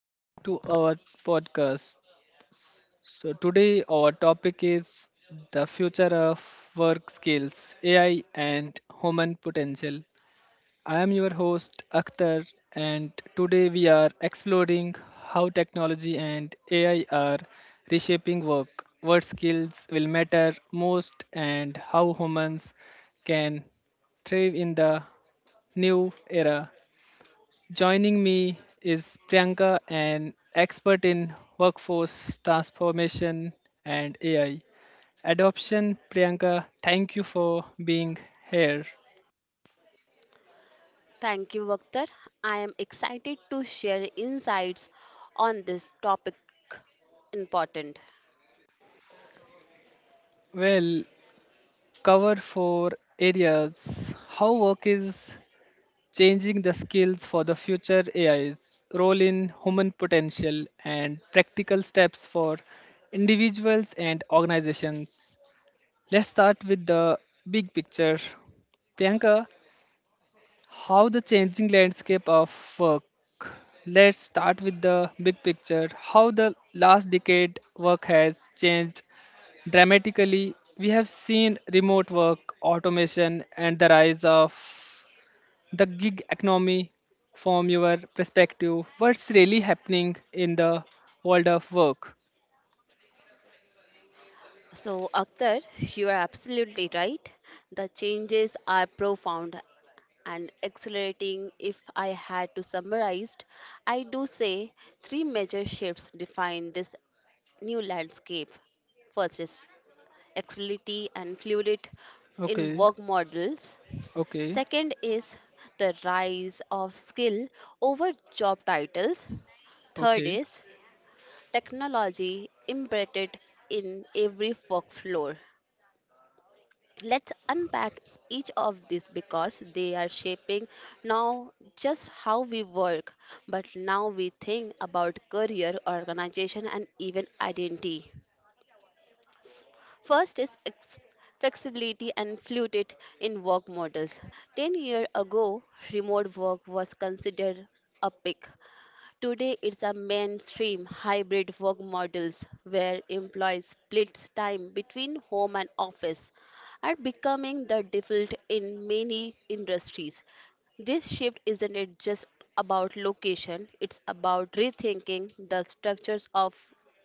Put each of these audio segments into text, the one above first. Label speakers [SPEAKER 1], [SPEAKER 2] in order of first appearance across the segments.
[SPEAKER 1] Welcome to our podcast. Today our topic is the future of work skills, AI, and human potential. I am your host, Akhtar, and today we are exploring how technology and AI are reshaping work, what skills will matter most, and how humans can thrive in the new era. Joining me is Priyanka, an expert in workforce transformation and AI adoption. Priyanka, thank you for being here.
[SPEAKER 2] Thank you, Vaktar. I am excited to share insights on this topic important.
[SPEAKER 1] Well, cover four areas how work is changing the skills for the future AIs, role in human potential, and practical steps for individuals and organizations. Let's start with the big picture. Priyanka, how the changing landscape of work. Let's start with the big picture. How the last decade work has changed dramatically. We have seen remote work, automation, and the rise of the gig economy. From your perspective, what's really happening in the world of work?
[SPEAKER 2] So, Akhtar, you are absolutely right. The changes are profound and accelerating. If I had to summarize, I do say three major shifts define this new landscape. First is flexibility and fluidity in
[SPEAKER 1] Okay,
[SPEAKER 2] work models.
[SPEAKER 1] okay,
[SPEAKER 2] Second is the rise of skill over job titles. Third
[SPEAKER 1] okay.
[SPEAKER 2] is technology embedded in every workflow. Let's unpack each of these because they are shaping now just how we work, but now we think about career, organization, and even identity. First is ex- flexibility and fluidity in work models. 10 years ago, remote work was considered a pick. Today, it's a mainstream hybrid work models where employees split time between home and office are becoming the default in many industries. This shift isn't it just about location, it's about rethinking the structures of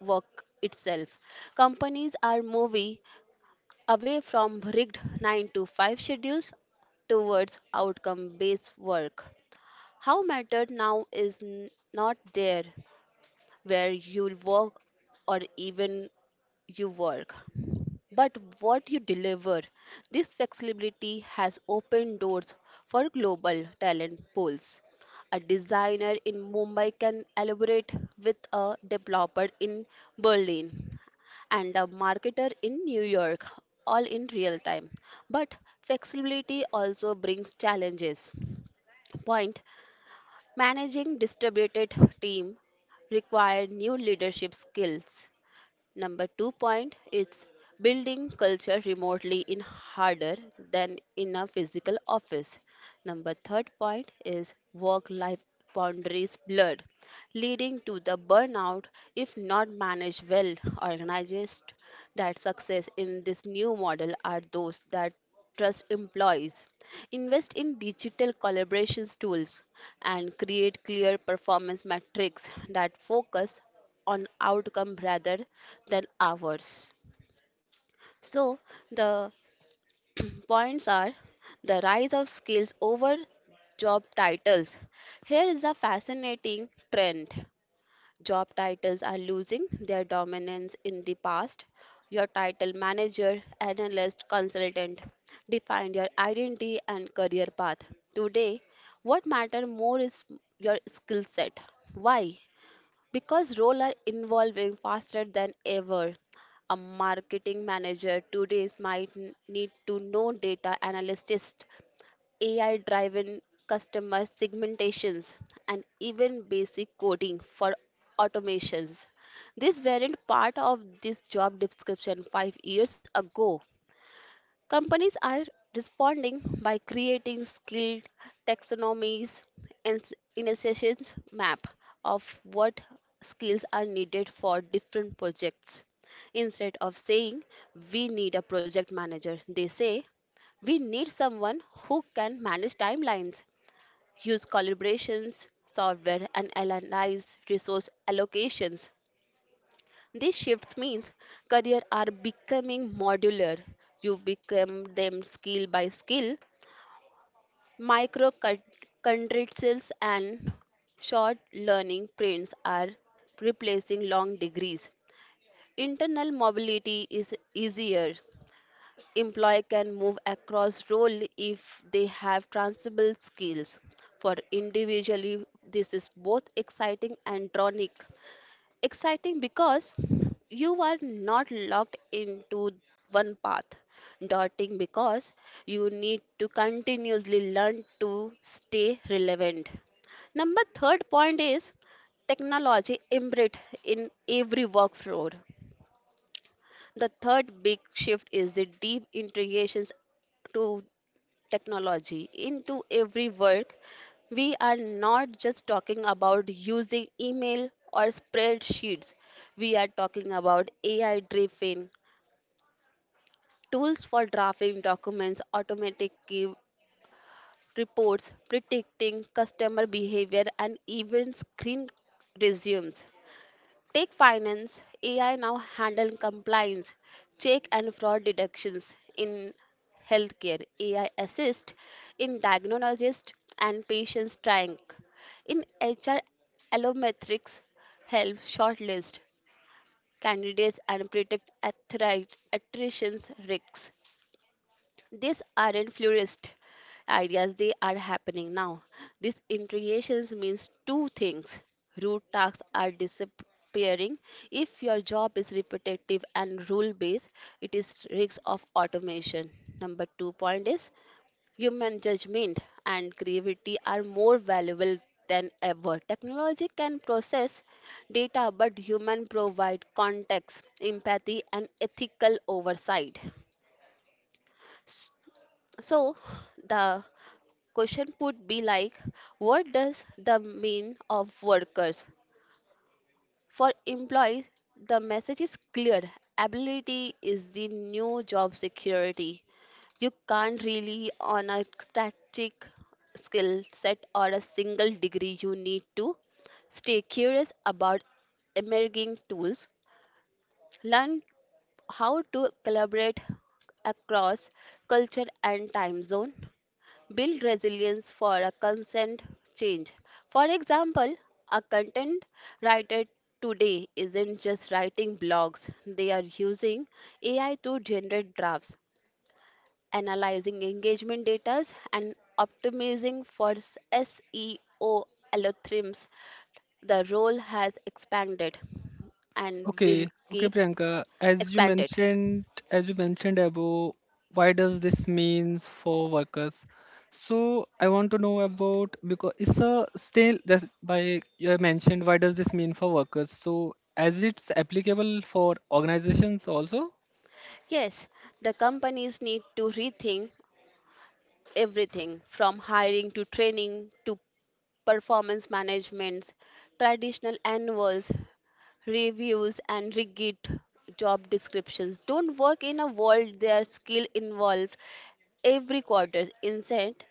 [SPEAKER 2] work itself. Companies are moving away from rigged 9 to 5 schedules towards outcome based work. How mattered now is not there where you work or even you work, but what you deliver. This flexibility has opened doors for global talent pools. A designer in Mumbai can elaborate with a developer in Berlin and a marketer in New York, all in real time. But flexibility also brings challenges. Point managing distributed team require new leadership skills. Number two point is building culture remotely in harder than in a physical office. Number third point is work life boundaries blurred, leading to the burnout if not managed well. Organized that success in this new model are those that trust employees, invest in digital collaboration tools, and create clear performance metrics that focus on outcome rather than hours. So, the points are the rise of skills over job titles. Here is a fascinating trend. Job titles are losing their dominance in the past. Your title manager, analyst, consultant defined your identity and career path. Today, what matter more is your skill set. Why? Because roles are evolving faster than ever, a marketing manager today might need to know data analytics, AI driven customer segmentations, and even basic coding for automations. These weren't part of this job description 5 years ago. Companies are responding by creating skilled taxonomies and in a sessions map of what skills are needed for different projects. Instead of saying we need a project manager, they say we need someone who can manage timelines, use collaborations, software, and analyze resource allocations. These shifts means career are becoming modular. You become them skill by skill, micro credentials and short learning prints are replacing long degrees. Internal mobility is easier. Employee can move across role if they have transferable skills. For individually, this is both exciting and tonic exciting because you are not locked into one path daunting because you need to continuously learn to stay relevant number third point is technology embedded in every workflow the third big shift is the deep integrations to technology into every work, we are not just talking about using email or spreadsheets. We are talking about AI driven tools for drafting documents, automatic key reports, predicting customer behavior, and even screen resumes. Take finance, AI now handle compliance, check and fraud detections in healthcare. AI assist in diagnosis and patients triage. In HR, allometrics help shortlist candidates and predict attrition risks. These aren't florist ideas, they are happening now. These integrations means two things. Root tasks are disappearing. If your job is repetitive and rule based, it is risk of automation. Number two point is human judgment and creativity are more valuable than ever. Technology can process data, but human provide context, empathy, and ethical oversight. So the question would be like, what does the mean of workers? For employees, the message is clear. Ability is the new job security. You can't really on a static skill set or a single degree. You need to stay curious about emerging tools, learn how to collaborate across culture and time zone, build resilience for a consent change. For example, a content writer today isn't just writing blogs, they are using AI to generate drafts, analyzing engagement data, and optimizing for SEO algorithms. The role has expanded and will
[SPEAKER 1] Okay, okay,
[SPEAKER 2] keep
[SPEAKER 1] Priyanka.
[SPEAKER 2] expanded.
[SPEAKER 1] As you mentioned above, why does this means for workers? I want to know about because it's a still that's by you have mentioned why does this mean for workers? As it's applicable for organizations also.
[SPEAKER 2] Yes, the companies need to rethink everything from hiring to training to performance management, traditional annuals, reviews, and rigid job descriptions don't work in a world their skill involved every quarter. Instead,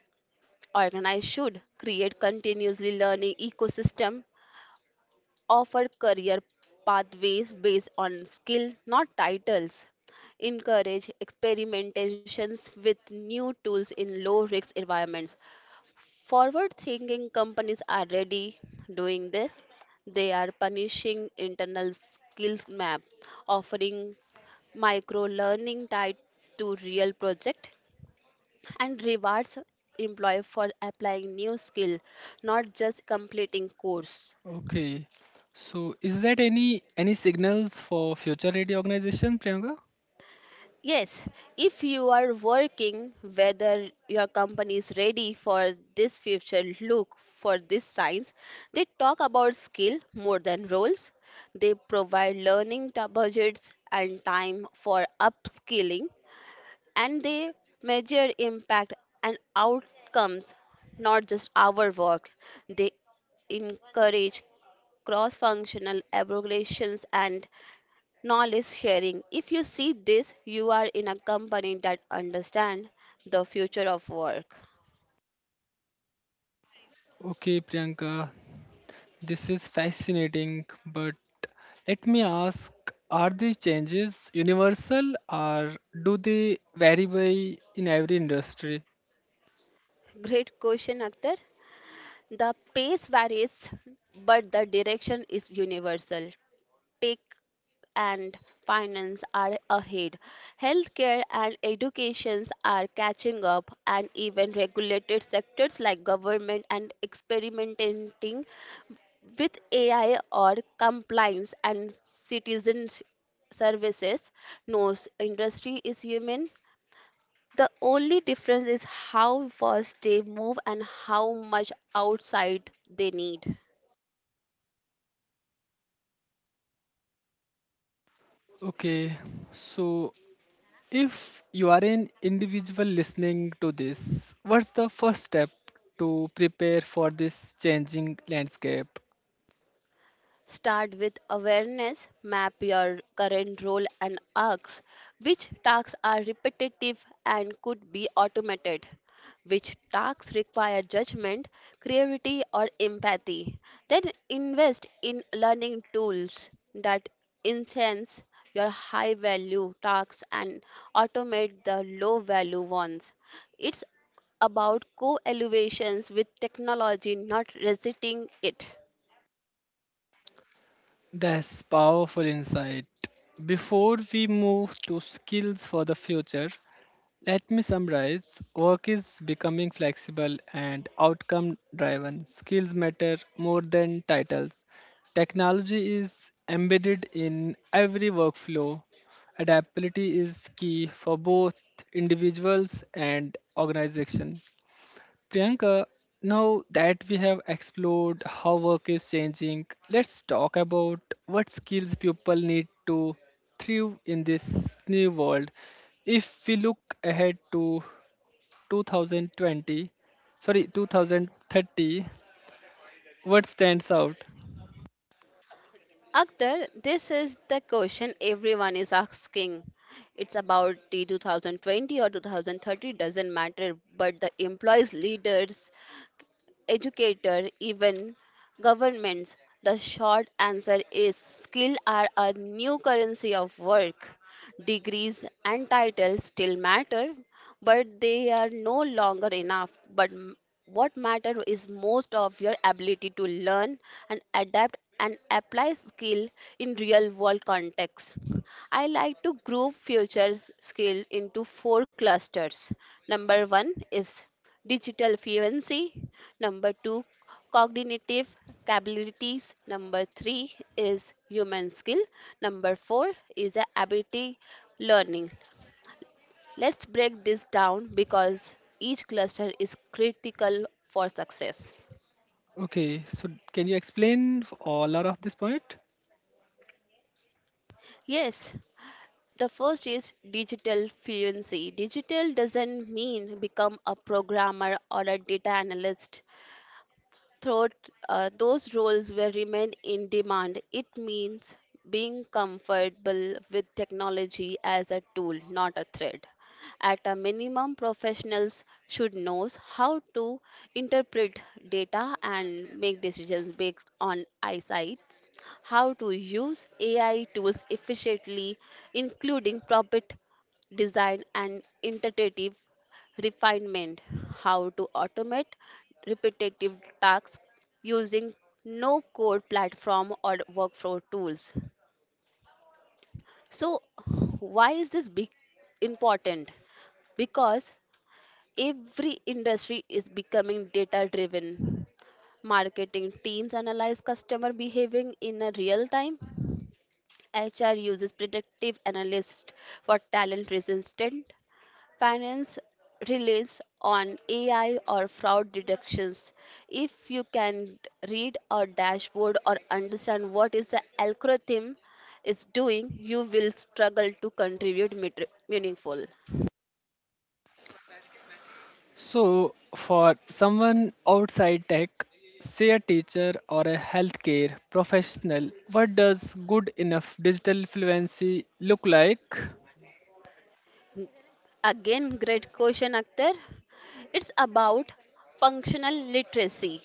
[SPEAKER 2] organized should create continuously learning ecosystem, offer career pathways based on skill, not titles. Encourage experimentations with new tools in low risk environments. Forward thinking companies are already doing this. They are punishing internal skills map, offering micro learning tied to real project and rewards employee for applying new skill, not just completing course.
[SPEAKER 1] Okay. Is that any signals for future ready organization, Priyanka?
[SPEAKER 2] Yes, if you are working, whether your company is ready for this future look for these signs, they talk about skill more than roles. They provide learning budgets and time for upskilling, and they measure impact and outcomes, not just our work. They encourage cross functional evaluations and knowledge sharing. If you see this, you are in a company that understand the future of work.
[SPEAKER 1] Okay, Priyanka. This is fascinating, but let me ask are these changes universal or do they vary by in every industry?
[SPEAKER 2] Great question, Akhtar. The pace varies, but the direction is universal. Tech and finance are ahead. Healthcare and educations are catching up, and even regulated sectors like government and experimenting with AI or compliance and citizen services, knows industry is human. The only difference is how fast they move and how much outside they need.
[SPEAKER 1] Okay, so if you are an individual listening to this, what's the first step to prepare for this changing landscape?
[SPEAKER 2] Start with awareness, map your current role and ask which tasks are repetitive and could be automated, which tasks require judgment, creativity, or empathy. Then invest in learning tools that enhance your high value tasks and automate the low value ones. It's about co elevations with technology, not resisting it.
[SPEAKER 1] That's powerful insight. Before we move to skills for the future, let me summarize. Work is becoming flexible and outcome driven. Skills matter more than titles. Technology is embedded in every workflow. Adaptability is key for both individuals and organization. Priyanka, now that we have explored how work is changing, let's talk about what skills people need to thrive in this new world. If we look ahead to 2020, sorry, 2030, what stands out?
[SPEAKER 2] Akhtar, this is the question everyone is asking. It's about the 2020 or 2030, doesn't matter, but the employees, leaders, educator, even governments? The short answer is skill are a new currency of work. Degrees and titles still matter, but they are no longer enough. What matter is most of your ability to learn and adapt and apply skill in real world context. I like to group future skill into four clusters. Number one is digital fluency. Number two, cognitive capabilities. Number three is human skill. Number four is a ability learning. Let's break this down because each cluster is critical for success.
[SPEAKER 1] Okay, so can you explain all out of this point?
[SPEAKER 2] Yes, the first is digital fluency. Digital doesn't mean become a programmer or a data analyst. Throat, those roles will remain in demand. It means being comfortable with technology as a tool, not a threat. At a minimum, professionals should know how to interpret data and make decisions based on eyesight, how to use AI tools efficiently, including prompt design and interpretive refinement, how to automate repetitive tasks using no code platform or workflow tools. So, why is this big important? Because every industry is becoming data driven. Marketing teams analyze customer behaving in a real time. HR uses predictive analysts for talent resistance. Finance relies on AI or fraud detections. If you can read a dashboard or understand what is the algorithm is doing, you will struggle to contribute meaningful.
[SPEAKER 1] So, for someone outside tech, say a teacher or a healthcare professional, what does good enough digital fluency look like?
[SPEAKER 2] Again, great question, Akhtar. It's about functional literacy,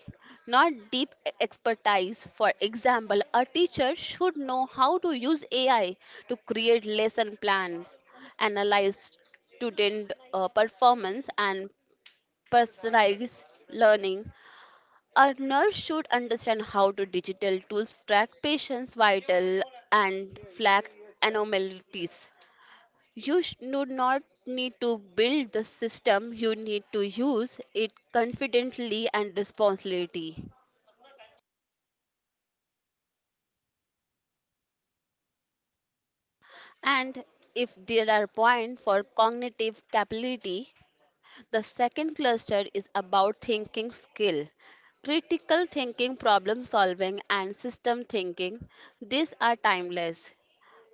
[SPEAKER 2] not deep expertise. For example, a teacher should know how to use AI to create lesson plan, analyze student performance, and personalize learning. A nurse should understand how to digital tools track patients' vital and flag anomalies. Do not need to build the system, you need to use it confidently and responsibly. And if there are points for cognitive capability, the second cluster is about thinking skill. Critical thinking, problem solving, and system thinking, these are timeless,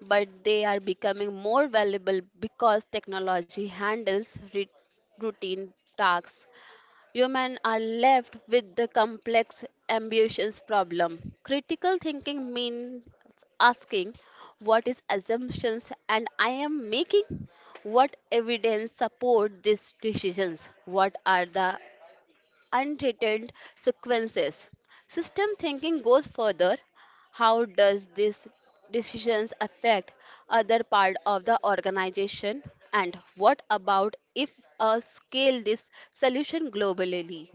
[SPEAKER 2] but they are becoming more valuable because technology handles routine tasks. Humans are left with the complex ambitions problem. Critical thinking means asking what is assumptions and I am making, what evidence support these decisions, what are the unintended sequences. System thinking goes further. How does these decisions affect other part of the organization and what about if scale this solution globally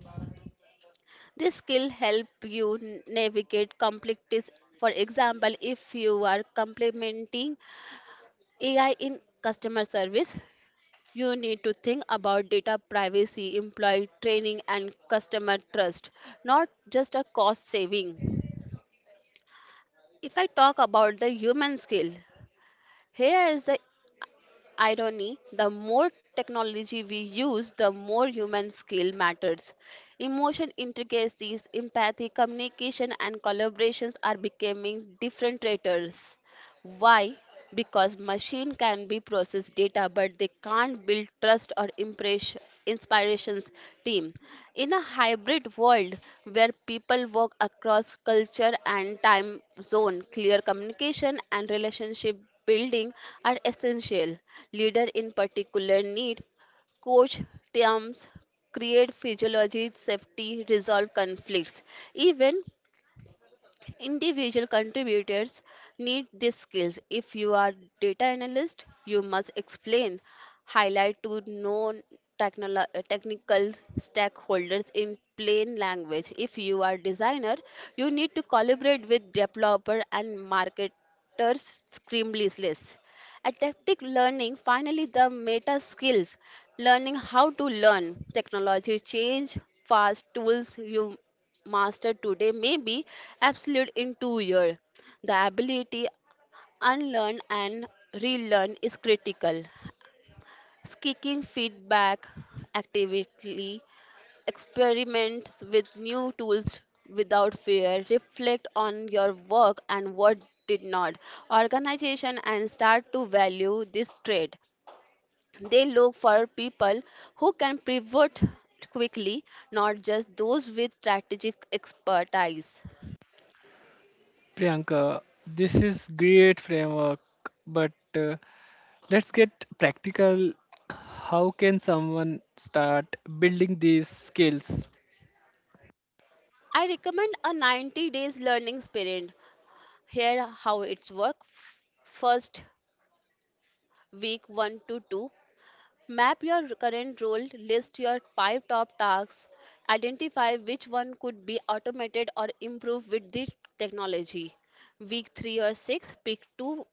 [SPEAKER 2] this skill help you navigate complexities. For example, if you are complementing AI in customer service, you need to think about data privacy, employee training, and customer trust, not just a cost saving. If I talk about the human skill, here is the irony, the more technology we use, the more human skill matters. Emotion intricacies, empathy, communication, and collaborations are becoming different traitors. Why? Because machine can be process data but they can't build trust or inspirations team. In a hybrid world where people work across culture and time zone, clear communication and relationship building are essential. Leader in particular need coach terms create physiology safety resolve conflicts even individual contributors need these skills. If you are data analyst, you must explain, highlight to non-technical stakeholders in plain language. If you are designer, you need to collaborate with developer and marketers seamlessly. Adaptive learning, finally, the meta skills, learning how to learn. Technology change fast, tools you mastered today may be obsolete in 2 years. The ability unlearn and relearn is critical. Seeking feedback actively, experiments with new tools without fear, reflect on your work and what did not. Organization and start to value this trait. They look for people who can pivot quickly, not just those with strategic expertise.
[SPEAKER 1] Priyanka, this is great framework, but let's get practical. How can someone start building these skills?
[SPEAKER 2] I recommend a 90 days learning sprint. Here how it's work. First week 1 to 2, map your current role, list your 5 top tasks, identify which one could be automated or improved with the technology. Week 3 or 6, pick two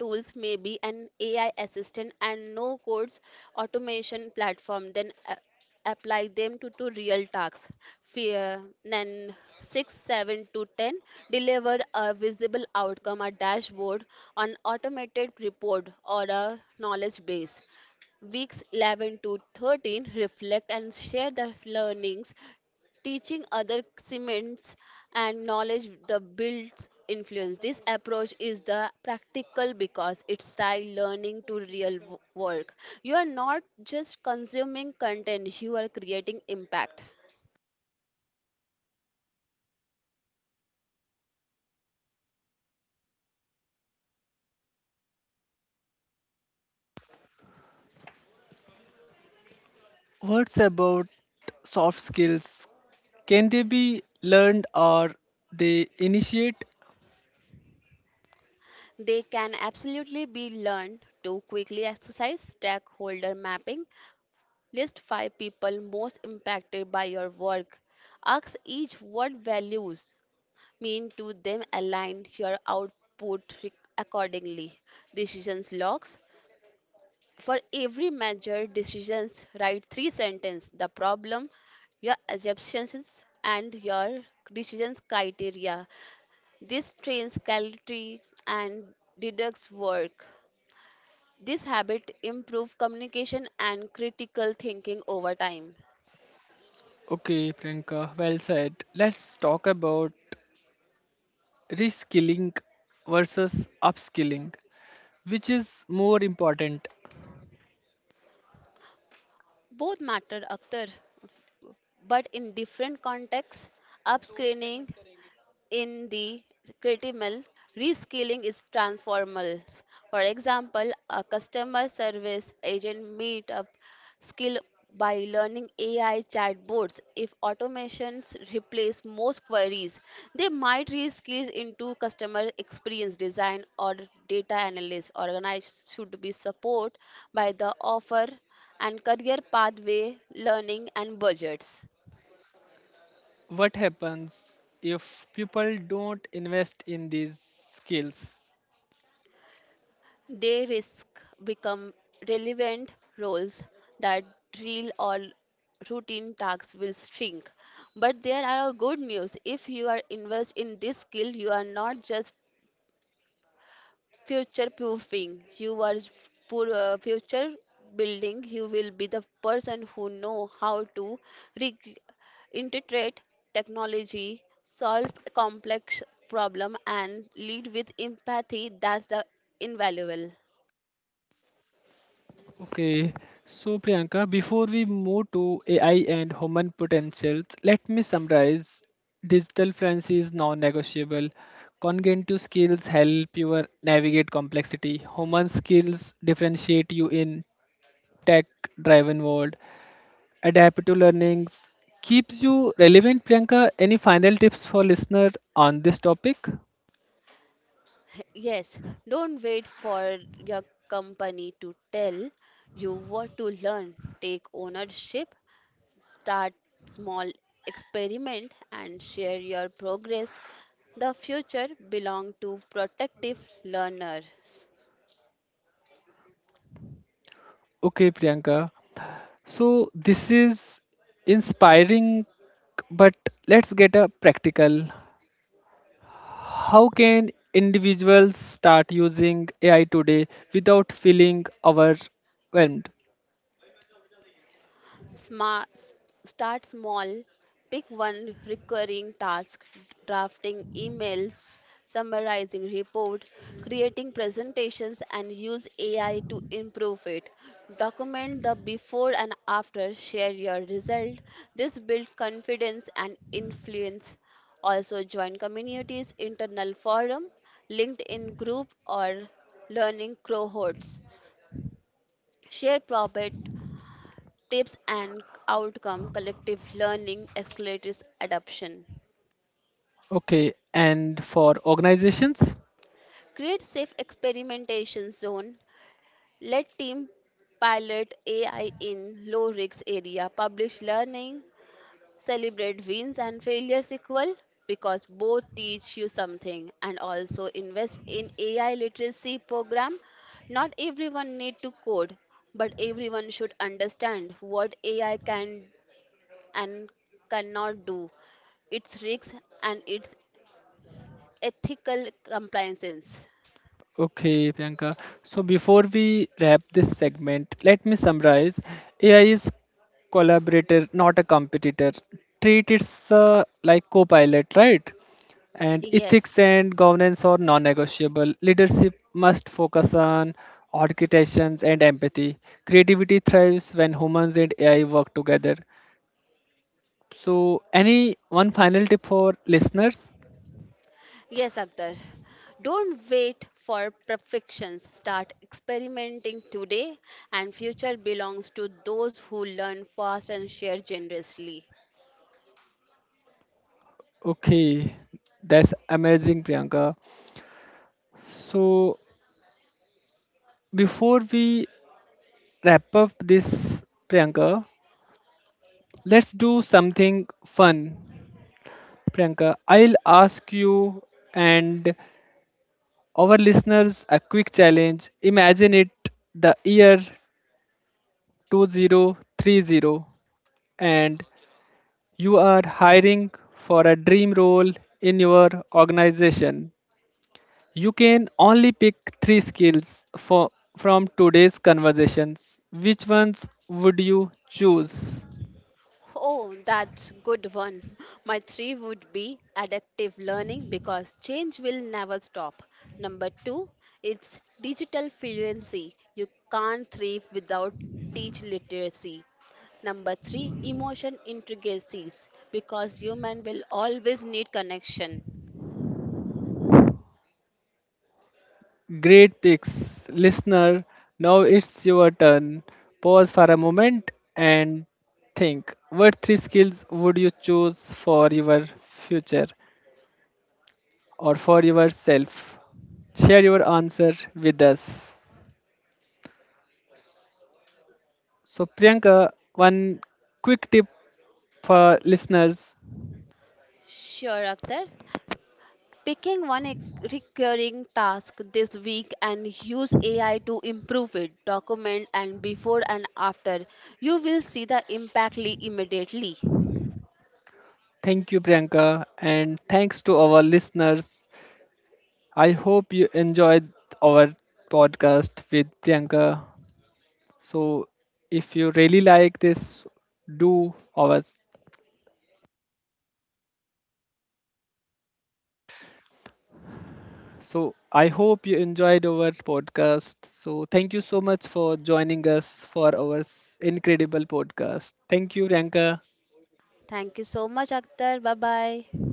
[SPEAKER 2] tools may be an AI assistant and no codes automation platform, then apply them to real tasks. Fear, then 6, 7 to 10, deliver a visible outcome, a dashboard, an automated report, or a knowledge base. Weeks 11 to 13, reflect and share the learnings teaching other cements and knowledge the builds influence this approach is the practical because it's tie learning to real work, you are not just consuming content, you are creating impact.
[SPEAKER 1] What's about soft skills? Can they be learned or they initiate?
[SPEAKER 2] They can absolutely be learned to quickly exercise stakeholder mapping, list five people most impacted by your work, ask each what values mean to them, align your output accordingly. Decisions logs. For every measure decisions, write three sentences, the problem, your assumptions, and your decisions criteria. This trains clarity and deducts work. This habit improves communication and critical thinking over time.
[SPEAKER 1] Okay, Priyanka, well said. Let's talk about reskilling versus upskilling. Which is more important?
[SPEAKER 2] Both matter, Akhtar, but in different contexts. Upscaling in the creative mill, reskilling is transformal. For example, a customer service agent meet up skill by learning AI chatbots. If automations replace most queries, they might reskill into customer experience design or data analyst. Organized should be supported by the offer and career pathway, learning and budgets.
[SPEAKER 1] What happens if people don't invest in these skills?
[SPEAKER 2] They risk become relevant roles that drill or routine tasks will shrink. But there are a good news. If you are invest in this skill, you are not just future proofing. You are future building. You will be the person who know how to re- integrate technology, solve complex problem, and lead with empathy. That's the invaluable.
[SPEAKER 1] Okay, so Priyanka, before we move to AI and human potentials, let me summarize. Digital fluency is non-negotiable. Cognitive skills help you navigate complexity. Human skills differentiate you in tech driven world, adapt to learnings keeps you relevant. Priyanka, any final tips for listeners on this topic?
[SPEAKER 2] Yes, don't wait for your company to tell you what to learn. Take ownership, start small, experiment and share your progress. The future belong to protective learners.
[SPEAKER 1] Okay, Priyanka. So this is inspiring, but let's get a practical. How can individuals start using AI today without feeling overwhelmed?
[SPEAKER 2] Smart, start small. Pick one recurring task, drafting emails, summarizing report, creating presentations, and use AI to improve it. Document the before and after, share your result. This builds confidence and influence. Also, join communities, internal forum, LinkedIn group, or learning cohorts. Share profit tips and outcome collective learning accelerates adoption.
[SPEAKER 1] Okay, and for organizations?
[SPEAKER 2] Create safe experimentation zone, let team pilot AI in low risk area, publish learning, celebrate wins and failures equal, because both teach you something, and also invest in AI literacy program. Not everyone need to code, but everyone should understand what AI can and cannot do, its risks and its ethical compliances.
[SPEAKER 1] Okay, Priyanka. So before we wrap this segment, let me summarize. AI is collaborator, not a competitor. Treat it like co-pilot, right? And
[SPEAKER 2] Yes,
[SPEAKER 1] ethics and governance are non-negotiable. Leadership must focus on architectures and empathy. Creativity thrives when humans and AI work together. So, any one final tip for listeners?
[SPEAKER 2] yes, Akhtar. Don't wait for perfection. Start experimenting today, and future belongs to those who learn fast and share generously.
[SPEAKER 1] Okay, that's amazing, Priyanka. So, before we wrap up this, Priyanka, let's do something fun. Priyanka, I'll ask you and our listeners a quick challenge. Imagine it the year 2030 and you are hiring for a dream role in your organization. You can only pick three skills for, from today's conversations. Which ones would you choose?
[SPEAKER 2] Oh, that's good one. My three would be adaptive learning because change will never stop. Number two, it's digital fluency. You can't thrive without teach literacy. Number three, emotion intricacies because human will always need connection.
[SPEAKER 1] Great picks, listener. Now it's your turn. Pause for a moment and think. What three skills would you choose for your future or for yourself? Share your answer with us. So, Priyanka, one quick tip for listeners.
[SPEAKER 2] Sure, Akhtar. Picking one recurring task this week and use AI to improve it, document and before and after. You will see the impact immediately.
[SPEAKER 1] Thank you, Priyanka, and thanks to our listeners. I hope you enjoyed our podcast with Priyanka. So if you really like this, do our. So I hope you enjoyed our podcast. So thank you so much for joining us for our incredible podcast. Thank you, Ranka.
[SPEAKER 2] Thank you so much, Akhtar. Bye bye.